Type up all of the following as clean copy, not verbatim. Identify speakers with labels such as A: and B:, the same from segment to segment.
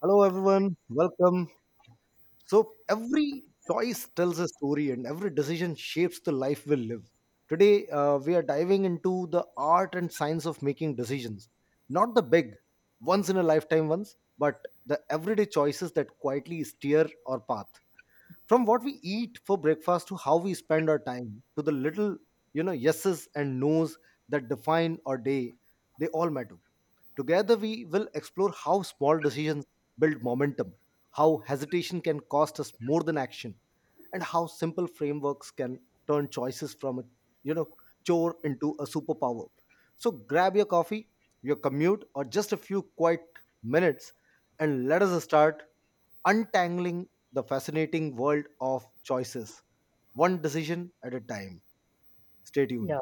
A: Hello, everyone. Welcome. So, every choice tells a story, and every decision shapes the life we live. Today, we are diving into the art and science of making decisions. Not the big, once in a lifetime ones, but the everyday choices that quietly steer our path. From what we eat for breakfast to how we spend our time, to the little, you know, yeses and nos that define our day, they all matter. Together, we will explore how small decisions build momentum, how hesitation can cost us more than action, and how simple frameworks can turn choices from a you know chore into a superpower. So grab your coffee, your commute, or just a few quiet minutes, and let us start untangling the fascinating world of choices, one decision at a time. Stay
B: Yeah,
A: tuned.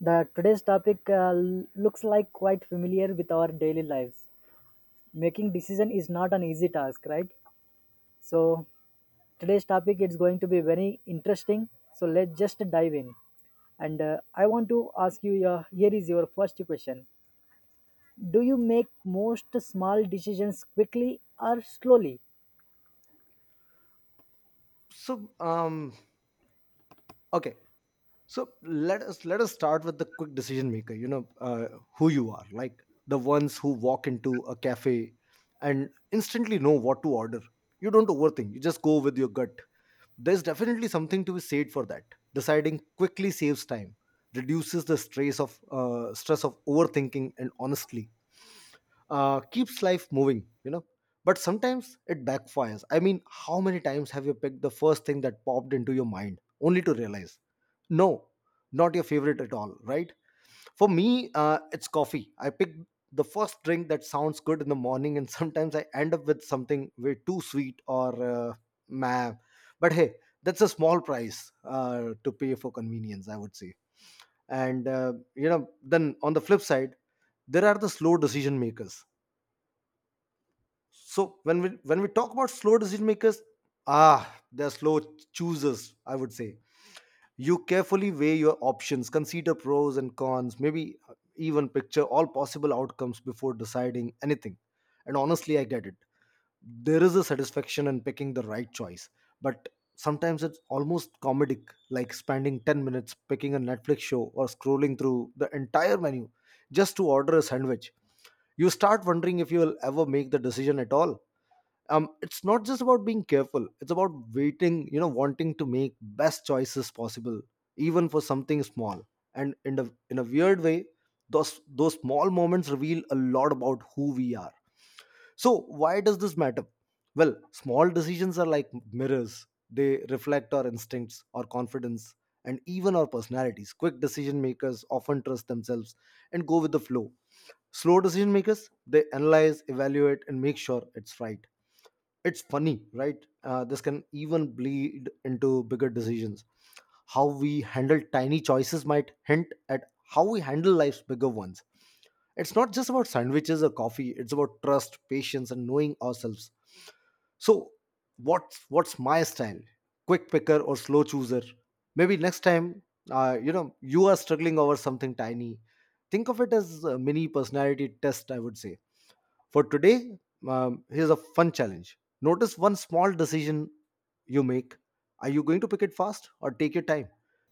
B: the today's topic looks like quite familiar with our daily lives. Making decision is not an easy task, right? So today's topic is going to be very interesting. So let's just dive in. And I want to ask you your here is your first question. Do you make most small decisions quickly or slowly?
A: So, um, okay. So let us start with the quick decision maker. You know, who you are, like the ones who walk into a cafe and instantly know what to order. You don't overthink. You just go with your gut. There's definitely something to be said for that. Deciding quickly saves time, reduces the stress of overthinking, and honestly, keeps life moving, you know. But sometimes it backfires. I mean, how many times have you picked the first thing that popped into your mind only to realize, no, not your favorite at all, right? For me, it's coffee. I pick the first drink that sounds good in the morning, and sometimes I end up with something way too sweet or meh. But hey, that's a small price to pay for convenience, I would say. And, you know, then on the flip side, there are the slow decision makers. So when we talk about slow decision makers, ah, they're slow choosers. I would say you carefully weigh your options, consider pros and cons, maybe even picture all possible outcomes before deciding anything. And honestly, I get it. There is a satisfaction in picking the right choice, but sometimes it's almost comedic, like spending 10 minutes picking a Netflix show or scrolling through the entire menu just to order a sandwich. You start wondering if you will ever make the decision at all. It's not just about being careful, it's about waiting, you know, wanting to make best choices possible, even for something small. And in a weird way, those small moments reveal a lot about who we are. So why does this matter? Well, small decisions are like mirrors. They reflect our instincts, our confidence, and even our personalities. Quick decision makers often trust themselves and go with the flow. Slow decision makers, they analyze, evaluate, and make sure it's right. It's funny, right? This can even bleed into bigger decisions. How we handle tiny choices might hint at how we handle life's bigger ones. It's not just about sandwiches or coffee, it's about trust, patience, and knowing ourselves. So what's my style? Quick picker or slow chooser? Maybe next time you know you are struggling over something tiny, think of it as a mini personality test, I would say. For today, here's a fun challenge. Notice one small decision you make. Are you going to pick it fast or take your time?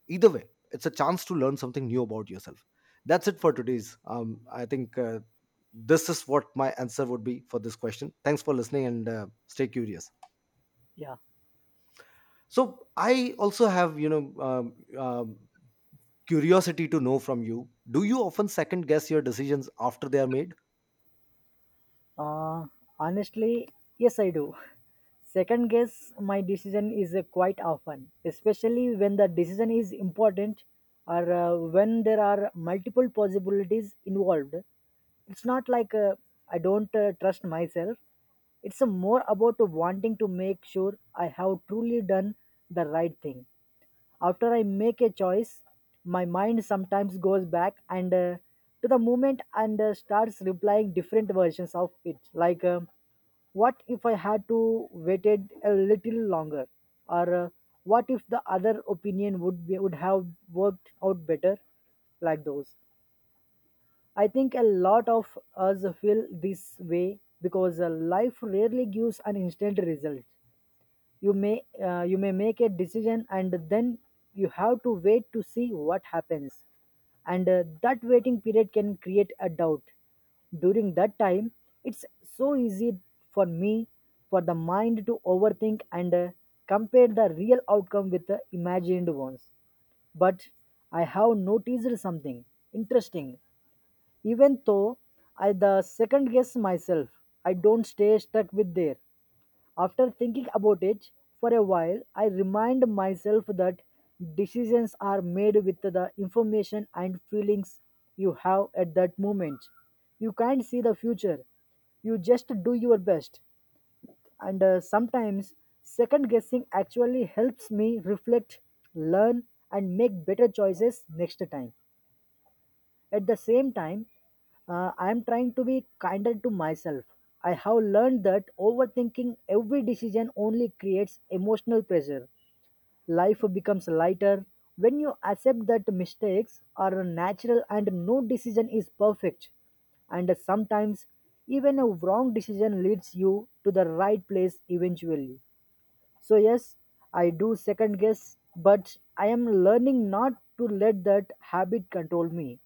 A: Either way, it's a chance to learn something new about yourself. That's it for today's. I think this is what my answer would be for this question. Thanks for listening and stay curious.
B: Yeah.
A: So I also have, you know, curiosity to know from you. Do you often second guess your decisions after they are made?
B: Uh, Honestly, yes, I do. Second guess my decision is quite often, especially when the decision is important or when there are multiple possibilities involved. It's not like I don't trust myself. It's more about wanting to make sure I have truly done the right thing. After I make a choice, my mind sometimes goes back and to the moment and starts replying different versions of it. Like, what if I had to waited a little longer, or what if the other opinion would have worked out better, like those. I think a lot of us feel this way because life rarely gives an instant result. You may you may make a decision and then you have to wait to see what happens and that waiting period can create a doubt. During that time it's so easy for me, for the mind to overthink and compare the real outcome with the imagined ones. But I have noticed something interesting. Even though I the second guess myself, I don't stay stuck with there. After thinking about it for a while, I remind myself that decisions are made with the information and feelings you have at that moment. You can't see the future. You just do your best. And sometimes, second guessing actually helps me reflect, learn, and make better choices next time. At the same time, I am trying to be kinder to myself. I have learned that overthinking every decision only creates emotional pressure. Life becomes lighter when you accept that mistakes are natural and no decision is perfect. And sometimes, even a wrong decision leads you to the right place eventually. So, yes, I do second guess, but I am learning not to let that habit control me.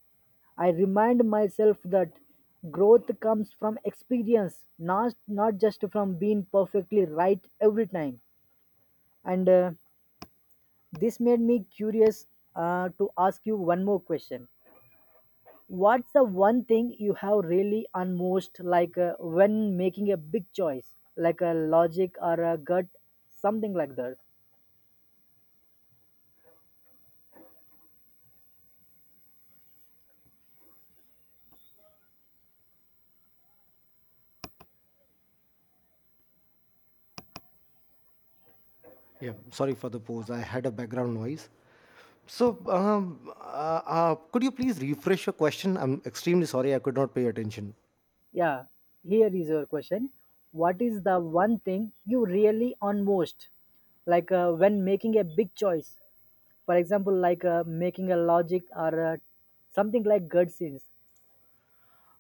B: I remind myself that growth comes from experience, not just from being perfectly right every time. And this made me curious to ask you one more question. What's the one thing you have really on most like when making a big choice, like a logic or a gut, something like that?
A: Yeah, sorry for the pause. I had a background noise. So, could you please refresh your question? I'm extremely sorry I could not pay attention.
B: Yeah, here is your question. What is the one thing you really on most? Like when making a big choice, for example, like making a logic or something like gut scenes.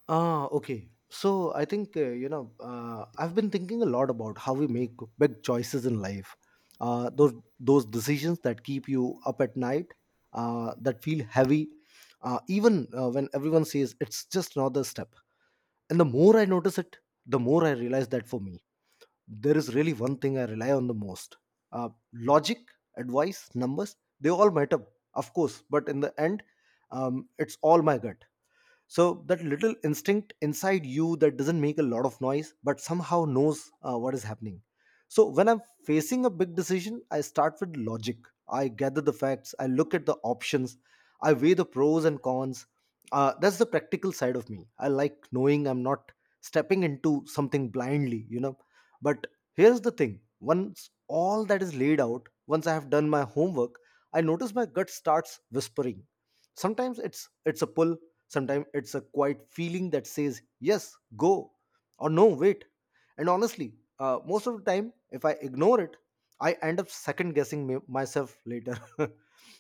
A: Ah, okay. So, I think, you know, I've been thinking a lot about how we make big choices in life. Those decisions that keep you up at night, that feel heavy, even when everyone says it's just another step. And the more I notice it, the more I realize that for me, there is really one thing I rely on the most. Logic, advice, numbers, they all matter, of course, but in the end, it's all my gut, so that little instinct inside you that doesn't make a lot of noise but somehow knows what is happening. So when I'm facing a big decision, I start with logic. I gather the facts, I look at the options, I weigh the pros and cons. That's the practical side of me. I like knowing I'm not stepping into something blindly, you know. But here's the thing, once all that is laid out, once I have done my homework, I notice my gut starts whispering. Sometimes it's a pull. Sometimes it's a quiet feeling that says, yes, go, or no, wait. And honestly, most of the time, if I ignore it, I end up second guessing myself later.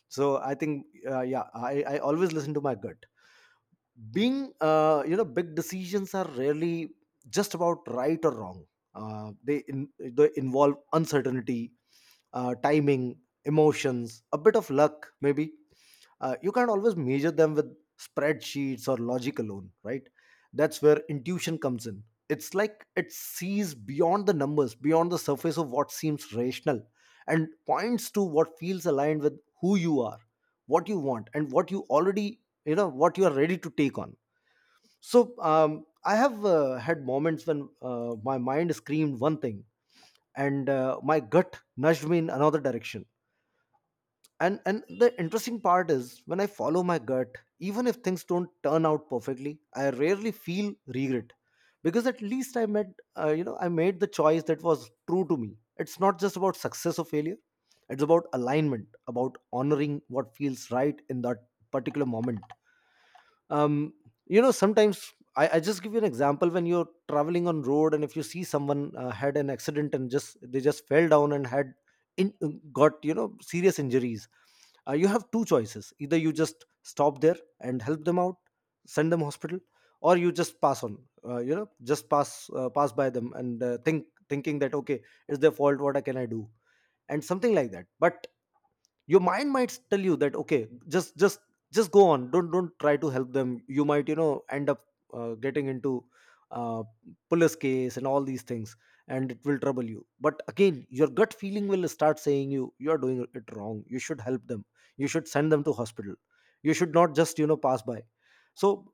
A: So I think, yeah, I always listen to my gut. Being you know, big decisions are rarely just about right or wrong. They involve uncertainty, timing, emotions, a bit of luck maybe. You can't always measure them with spreadsheets or logic alone, right? That's where intuition comes in. It's like it sees beyond the numbers, beyond the surface of what seems rational, and points to what feels aligned with who you are, what you want, and what you already, you know, what you are ready to take on. So I have had moments when my mind screamed one thing and my gut nudged me in another direction. And the interesting part is when I follow my gut, even if things don't turn out perfectly, I rarely feel regret, because at least I made, you know, I made the choice that was true to me. It's not just about success or failure, it's about alignment, about honoring what feels right in that particular moment. um, you know, sometimes I just give you an example. When you're traveling on road and if you see someone had an accident and just they just fell down and had in, got, you know, serious injuries, you have two choices, either you just stop there and help them out, send them hospital, or you just pass on, you know, just pass pass by them and thinking that okay, it's their fault, what I can I do, and something like that. But your mind might tell you that okay, just just go on, don't try to help them, you might, you know, end up getting into uh, police case and all these things, and it will trouble you. But again, your gut feeling will start saying you are doing it wrong, you should help them, you should send them to hospital, you should not just, you know, pass by. So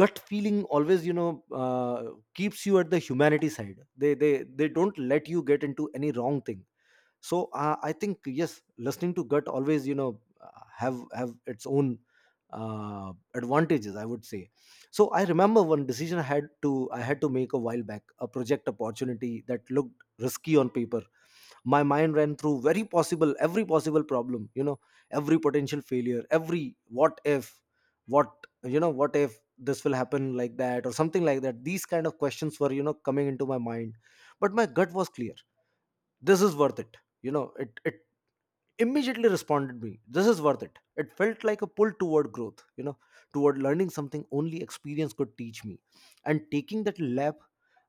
A: gut feeling always, you know, keeps you at the humanity side. They they don't let you get into any wrong thing. So I think, yes, listening to gut always, you know, have its own advantages, I would say. So I remember one decision I had to make a while back, a project opportunity that looked risky on paper. My mind ran through very possible every possible problem, you know, every potential failure, every what if, what you know what if this will happen like that or something like that, these kind of questions were, you know, coming into my mind. But my gut was clear, this is worth it, you know, it immediately responded me, this is worth it. It felt like a pull toward growth, you know, toward learning something only experience could teach me. And taking that lab,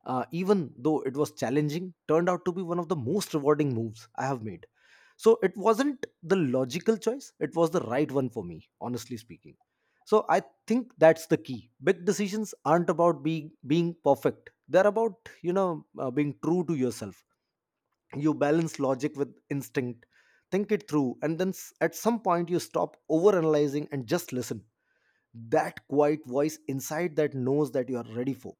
A: even though it was challenging, turned out to be one of the most rewarding moves I have made. So it wasn't the logical choice, it was the right one for me, honestly speaking. So I think that's the key, big decisions aren't about being perfect, they're about, you know, being true to yourself. You balance logic with instinct, think it through, and then at some point you stop overanalyzing and just listen. That quiet voice inside that knows that you are ready for.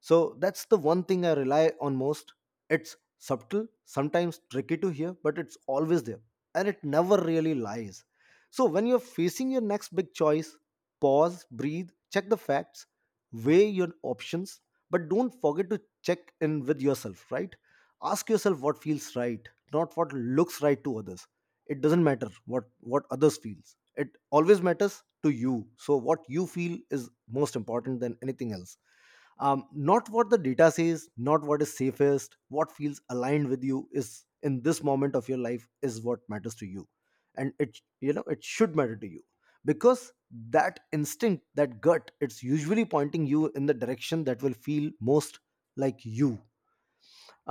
A: So that's the one thing I rely on most. It's subtle, sometimes tricky to hear, but it's always there, and it never really lies. So when you're facing your next big choice, pause, breathe, check the facts, weigh your options, but don't forget to check in with yourself, right? Ask yourself what feels right, not what looks right to others. It doesn't matter what others feels. It always matters to you. So what you feel is most important than anything else, not what the data says, not what is safest. What feels aligned with you is in this moment of your life is what matters to you, and it should matter to you, because that instinct, that gut, it's usually pointing you in the direction that will feel most like you.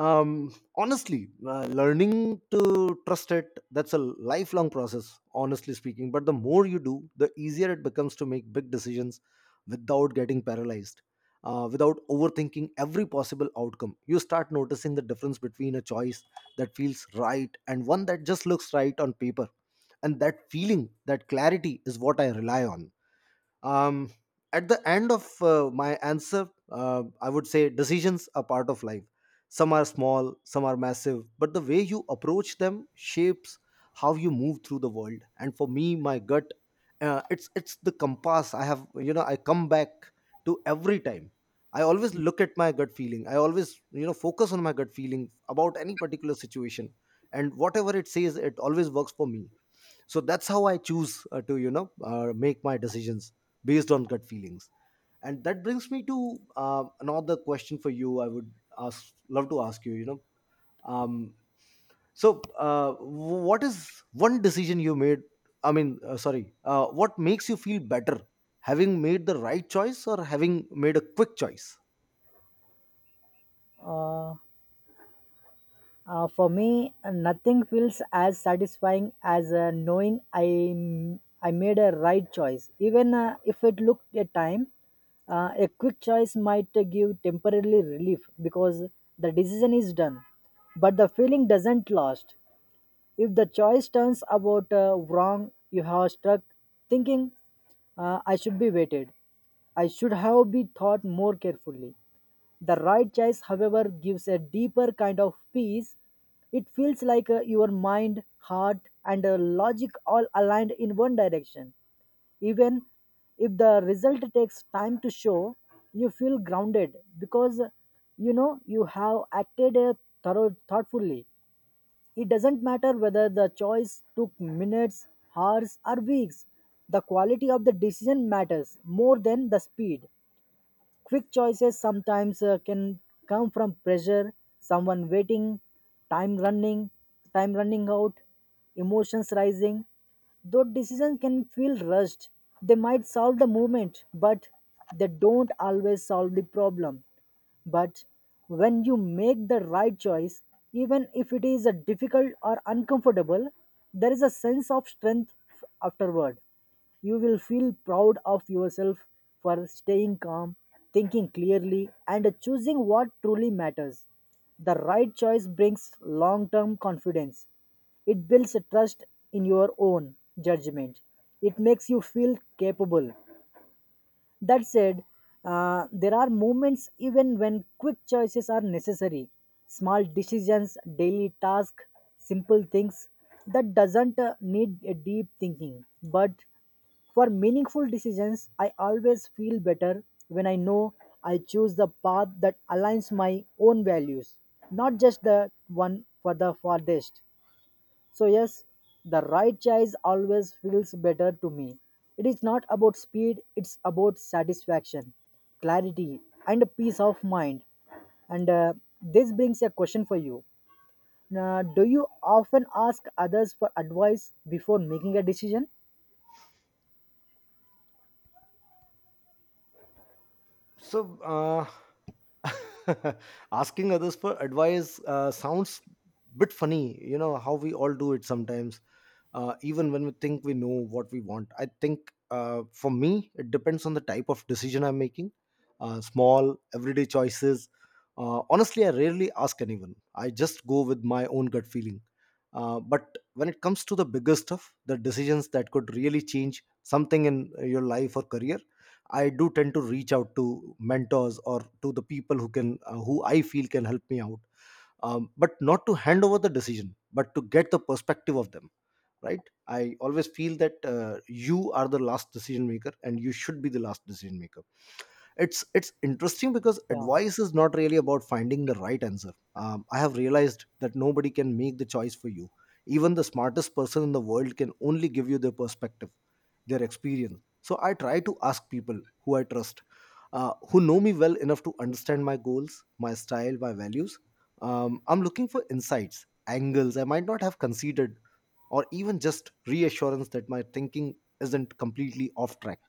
A: Honestly Learning to trust it, that's a lifelong process, honestly speaking, but the more you do, the easier it becomes to make big decisions without getting paralyzed, without overthinking every possible outcome. You start noticing the difference between a choice that feels right and one that just looks right on paper, and that feeling, that clarity, is what I rely on. um, at the end of my answer, I would say decisions are part of life. Some are small, some are massive, but the way you approach them shapes how you move through the world. And for me, my gut, it's the compass I have, you know, I come back to every time. I always look at my gut feeling, I always, you know, focus on my gut feeling about any particular situation, and whatever it says, it always works for me. So that's how I choose to, you know, make my decisions based on gut feelings. And that brings me to another question for you I would ask, love to ask you, you know. Um, so uh, w- what is one decision you made? I mean, sorry, what makes you feel better, having made the right choice or having made a quick choice?
B: Uh, for me, nothing feels as satisfying as knowing I made a right choice, even if it looked a time. A quick choice might give temporarily relief because the decision is done, but the feeling doesn't last. If the choice turns about wrong, you have struck thinking, I should be waited. I should have been thought more carefully. The right choice, however, gives a deeper kind of peace. It feels like your mind, heart, and logic all aligned in one direction. Even if the result takes time to show, you feel grounded because you know you have acted thoughtfully. It doesn't matter whether the choice took minutes, hours, or weeks, the quality of the decision matters more than the speed. Quick choices sometimes can come from pressure, someone waiting, time running, time running out, emotions rising. Though decisions can feel rushed, they might solve the moment, but they don't always solve the problem. But when you make the right choice, even if it is a difficult or uncomfortable, there is a sense of strength afterward. You will feel proud of yourself for staying calm, thinking clearly, and choosing what truly matters. The right choice brings long term confidence. It builds a trust in your own judgment. It makes you feel capable. That said, there are moments even when quick choices are necessary. Small decisions, daily tasks, simple things that doesn't need a deep thinking. But for meaningful decisions, I always feel better when I know I choose the path that aligns my own values, not just the one for the farthest. So, yes, the right choice always feels better to me. It is not about speed, it's about satisfaction, clarity, and peace of mind. And this brings a question for you. Do you often ask others for advice before making a decision?
A: So asking others for advice sounds bit funny, you know how we all do it sometimes, even when we think we know what we want. I think, for me, it depends on the type of decision I'm making. Small everyday choices, honestly, I rarely ask anyone, I just go with my own gut feeling. But when it comes to the bigger stuff, the decisions that could really change something in your life or career, I do tend to reach out to mentors or to the people who can, who I feel can help me out. But not to hand over the decision, but to get the perspective of them, right? I always feel that you are the last decision maker and you should be the last decision maker. It's interesting because
B: Yeah.
A: advice is not really about finding the right answer. I have realized that nobody can make the choice for you. Even the smartest person in the world can only give you their perspective, their experience. So I try to ask people who I trust, who know me well enough to understand my goals, my style, my values. I'm looking for insights, angles I might not have considered, or even just reassurance that my thinking isn't completely off track.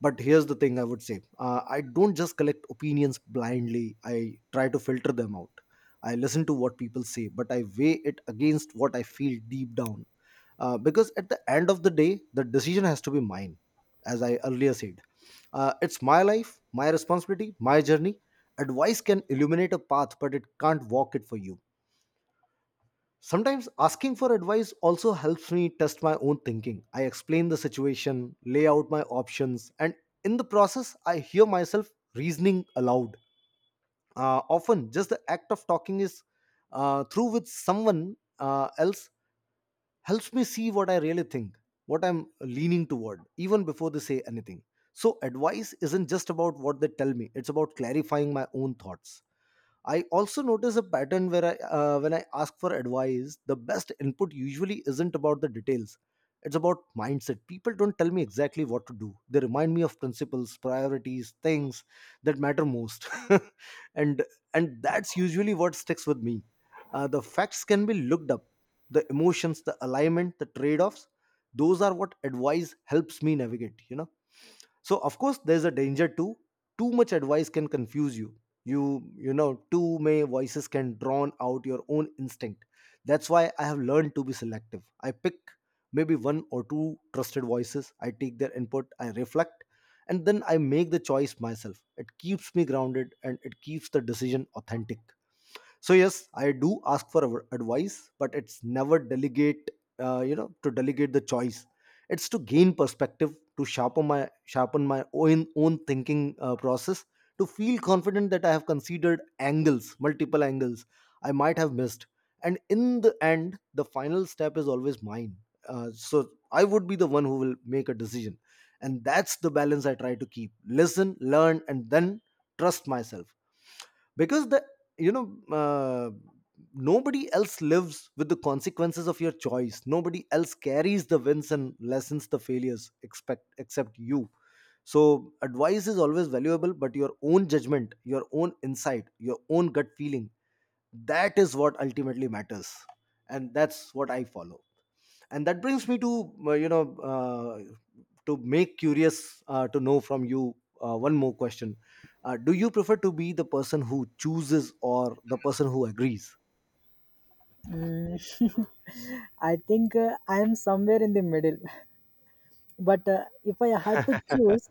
A: But here's the thing, I would say, I don't just collect opinions blindly. I try to filter them out. I listen to what people say but I weigh it against what I feel deep down, because at the end of the day the decision has to be mine. As I earlier said, it's my life, my responsibility, my journey. Advice can illuminate a path but it can't walk it for you. Sometimes asking for advice also helps me test my own thinking. I explain the situation, lay out my options, and in the process, I hear myself reasoning aloud. Often, just the act of talking is through with someone else helps me see what I really think, what I'm leaning toward, even before they say anything. So, advice isn't just about what they tell me, it's about clarifying my own thoughts. I also notice a pattern where I, when I ask for advice, the best input usually isn't about the details. It's about mindset. People don't tell me exactly what to do. They remind me of principles, priorities, things that matter most, and and that's usually what sticks with me. The facts can be looked up. The emotions, the alignment, the trade-offs, those are what advice helps me navigate, you know. So of course there's a danger too. Too much advice can confuse you. You you know too many voices can drown out your own instinct. That's why I have learned to be selective. I pick maybe one or two trusted voices, I take their input, I reflect, and then I make the choice myself. It keeps me grounded and it keeps the decision authentic. So yes, I do ask for advice, but it's never delegate, you know, to delegate the choice. It's to gain perspective, to sharpen my own thinking process, to feel confident that I have considered angles multiple angles I might have missed. And in the end, the final step is always mine. So I would be the one who will make a decision. And that's the balance I try to keep: listen, learn, and then trust myself. Because the you know nobody else lives with the consequences of your choice. Nobody else carries the wins and lessens the failures expect except you. So advice is always valuable, but your own judgment, your own insight, your own gut feeling, that is what ultimately matters, and that's what I follow. And that brings me to, you know, to make curious, to know from you one more question. Do you prefer to be the person who chooses or the person who agrees?
B: I think I am somewhere in the middle. But if I had to choose,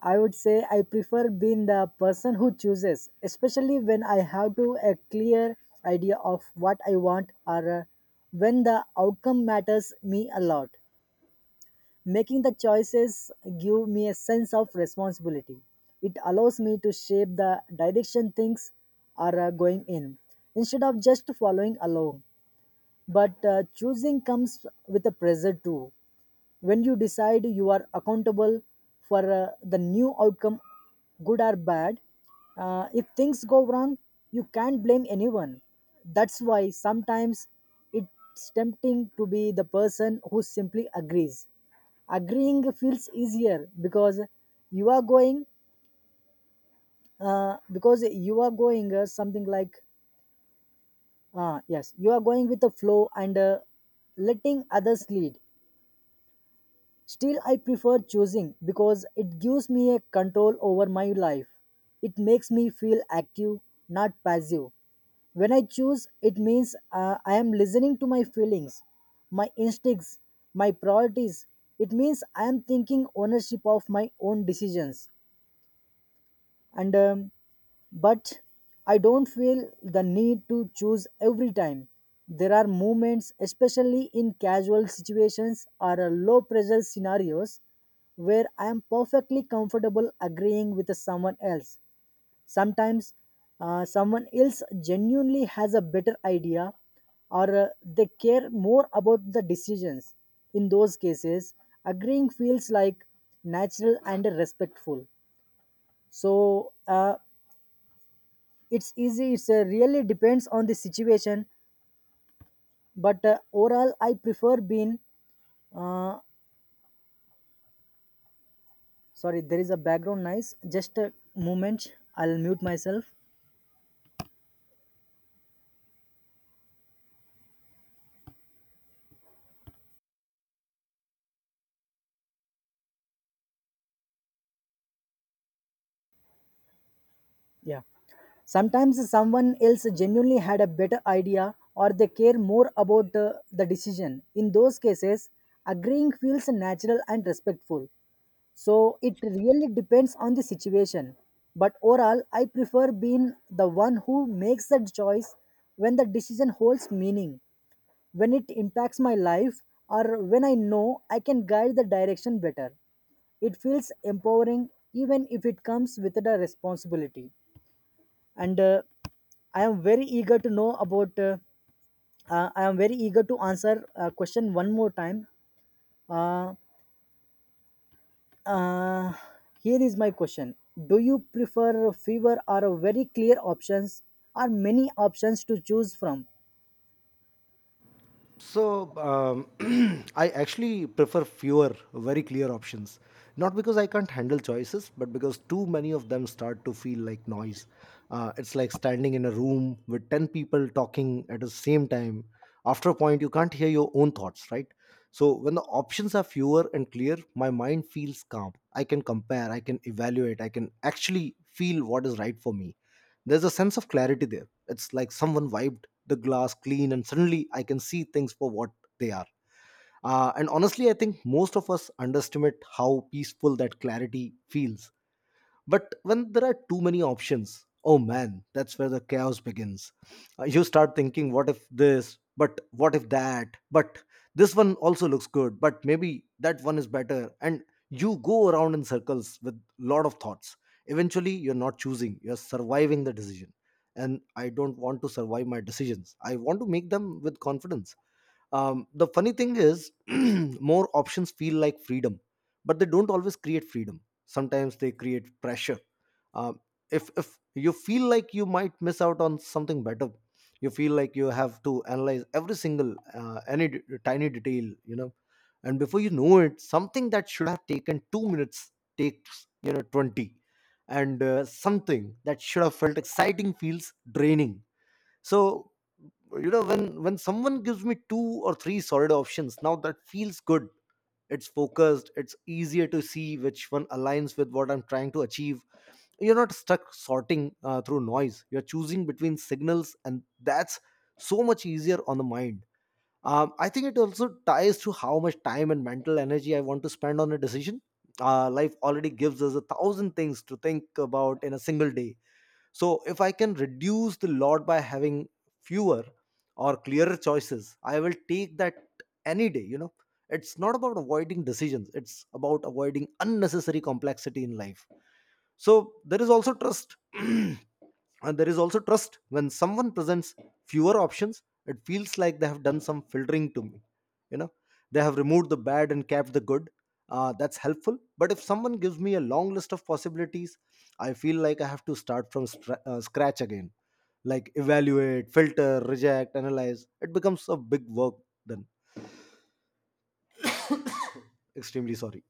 B: I would say I prefer being the person who chooses, especially when I have to a clear idea of what I want or when the outcome matters me a lot. Making the choices give me a sense of responsibility. It allows me to shape the direction things are going in instead of just following along. But choosing comes with a pressure too. When you decide you are accountable for the new outcome, good or bad. Uh, if things go wrong you can't blame anyone. That's why sometimes it's tempting to be the person who simply agrees. Agreeing feels easier because you are going you are going something like yes, you are going with the flow and letting others lead. Still, I prefer choosing because it gives me a control over my life. It makes me feel active, not passive. When I choose, it means I am listening to my feelings, my instincts, my priorities. It means I am thinking ownership of my own decisions. And But I don't feel the need to choose every time. There are moments, especially in casual situations or low pressure scenarios, where I am perfectly comfortable agreeing with someone else. Sometimes someone else genuinely has a better idea, or they care more about the decisions. In those cases agreeing feels like natural and respectful. So it's easy, it's really depends on the situation. But overall I prefer being uh, sorry, there is a background noise, just a moment, I'll mute myself. Yeah, sometimes someone else genuinely had a better idea or they care more about the decision. In those cases agreeing feels natural and respectful. So it really depends on the situation. But overall, I prefer being the one who makes the choice when the decision holds meaning, when it impacts my life, or when I know I can guide the direction better. It feels empowering even if it comes with a responsibility. And I am very eager to know about. I am very eager to answer question one more time. Uh, Uh, Here is my question. Do you prefer fewer or very clear options or many options to choose from?
A: So I actually prefer fewer, very clear options. Not because I can't handle choices, but because too many of them start to feel like noise. It's like standing in a room with 10 people talking at the same time. After a point, you can't hear your own thoughts, right? So when the options are fewer and clear, my mind feels calm. I can compare, I can evaluate, I can actually feel what is right for me. There's a sense of clarity there. It's like someone wiped the glass clean and suddenly I can see things for what they are. And honestly, I think most of us underestimate how peaceful that clarity feels. But when there are too many options, oh man, that's where the chaos begins. You start thinking, what if this, but what if that, but this one also looks good, but maybe that one is better. And you go around in circles with lot of thoughts. Eventually, you're not choosing, you're surviving the decision. And I don't want to survive my decisions. I want to make them with confidence. The funny thing is, more options feel like freedom, but they don't always create freedom. Sometimes they create pressure. Um, if you feel like you might miss out on something better, you feel like you have to analyze every single tiny detail, you know. And before you know it, something that should have taken 2 minutes takes, you know, 20, and something that should have felt exciting feels draining. So, you know, when someone gives me two or three solid options, now that feels good. It's focused, it's easier to see which one aligns with what I'm trying to achieve. You're not stuck sorting through noise, you're choosing between signals, and that's so much easier on the mind. I think it also ties to how much time and mental energy I want to spend on a decision. Life already gives us a thousand things to think about in a single day. So if I can reduce the lot by having fewer or clearer choices, I will take that any day, you know. It's not about avoiding decisions, it's about avoiding unnecessary complexity in life. So there is also trust. and there is also trust When someone presents fewer options, it feels like they have done some filtering to me, you know. They have removed the bad and kept the good. That's helpful. But if someone gives me a long list of possibilities, I feel like I have to start from scratch again, like evaluate, filter, reject, analyze. It becomes a big work then. Extremely sorry.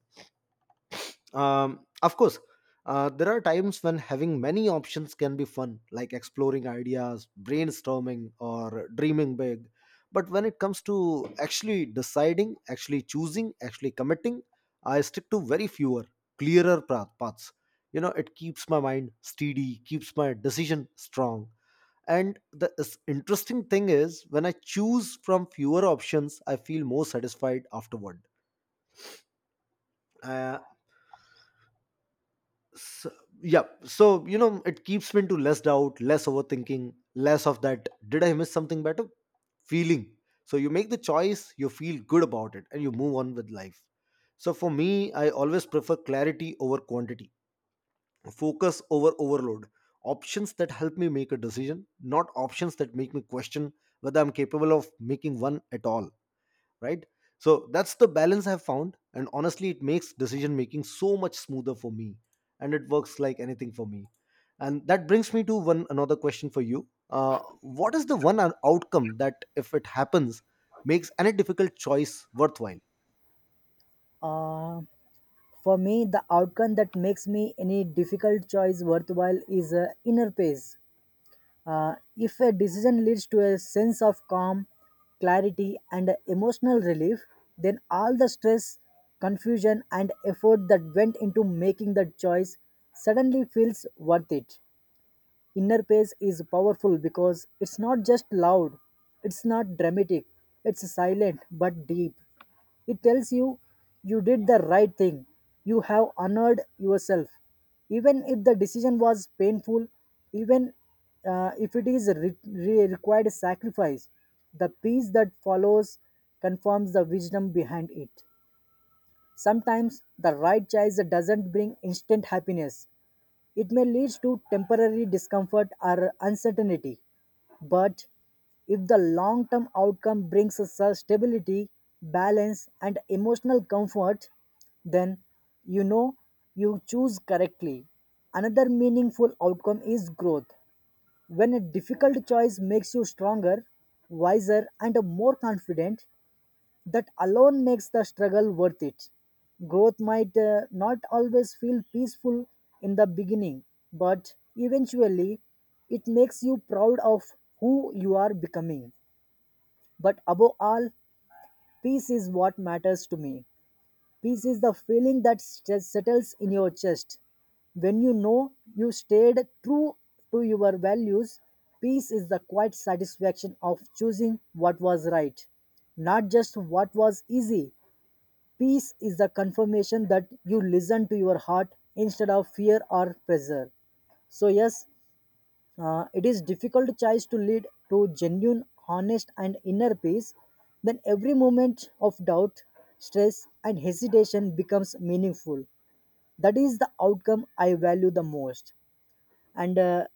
A: Of course, there are times when having many options can be fun, like exploring ideas, brainstorming, or dreaming big. But when it comes to actually deciding, actually choosing, actually committing, I stick to very fewer, clearer paths. You know, it keeps my mind steady, keeps my decision strong. And the interesting thing is, when I choose from fewer options, I feel more satisfied afterward. Uh, so, yeah, so, you know, it keeps me into less doubt, less overthinking, less of that did I miss something better feeling. So you make the choice, you feel good about it, and you move on with life. So for me, I always prefer clarity over quantity, focus over overload, options that help me make a decision, not options that make me question whether I'm capable of making one at all, right? So that's the balance I've found, and honestly it makes decision making so much smoother for me, and it works like anything for me. And that brings me to one another question for you. What is the one outcome that, if it happens, makes any difficult choice worthwhile?
B: Uh, for me, the outcome that makes me any difficult choice worthwhile is inner peace. If a decision leads to a sense of calm, clarity, and emotional relief, then all the stress, confusion, and effort that went into making that choice suddenly feels worth it. Inner Pace is powerful because it's not just loud, it's not dramatic, it's silent but deep. It tells you you did the right thing, you have honored yourself. Even if the decision was painful, even if it is required sacrifice, the peace that follows confirms the wisdom behind it. Sometimes the right choice doesn't bring instant happiness, it may lead to temporary discomfort or uncertainty, but if the long term outcome brings us a stability, balance, and emotional comfort, then you know you choose correctly. Another meaningful outcome is growth. When a difficult choice makes you stronger, wiser, and more confident, that alone makes the struggle worth it. Growth might not always feel peaceful in the beginning, but eventually it makes you proud of who you are becoming. But above all, peace is what matters to me. Peace is the feeling that settles in your chest. When you know you stayed true to your values, peace is the quiet satisfaction of choosing what was right, not just what was easy. Peace is the confirmation that you listen to your heart instead of fear or pressure. So, yes, it is difficult choice to lead to genuine, honest, and inner peace. Then every moment of doubt, stress, and hesitation becomes meaningful. That is the outcome I value the most. And uh,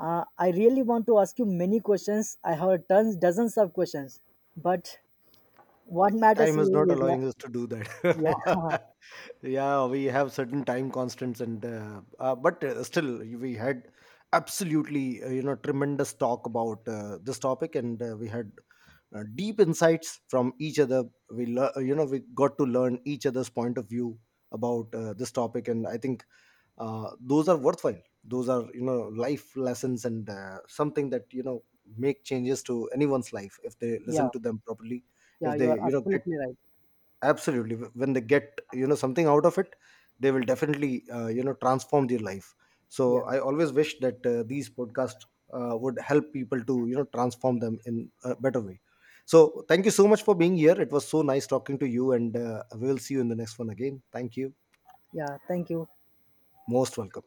B: uh, I really want to ask you many questions. I have tons, dozens of questions. But what matters
A: Time is not
B: is
A: allowing us to do
B: yeah,
A: that. Yeah, we have certain time constants, and but still, we had absolutely, you know, tremendous talk about this topic, and we had deep insights from each other. We you know, we got to learn each other's point of view about this topic. And I think those are worthwhile, those are, you know, life lessons, and something that, you know, make changes to anyone's life if they
B: yeah,
A: listen to them properly.
B: yeah,
A: If
B: you
A: they,
B: are
A: you know, get
B: absolutely right.
A: absolutely, when they get, you know, something out of it, they will definitely, you know, transform their life. So
B: Yeah,
A: I always wish that these podcasts would help people to, you know, transform them in a better way. So thank you so much for being here. It was so nice talking to you, and we will see you in the next one again. Thank you.
B: yeah, thank you.
A: Most welcome.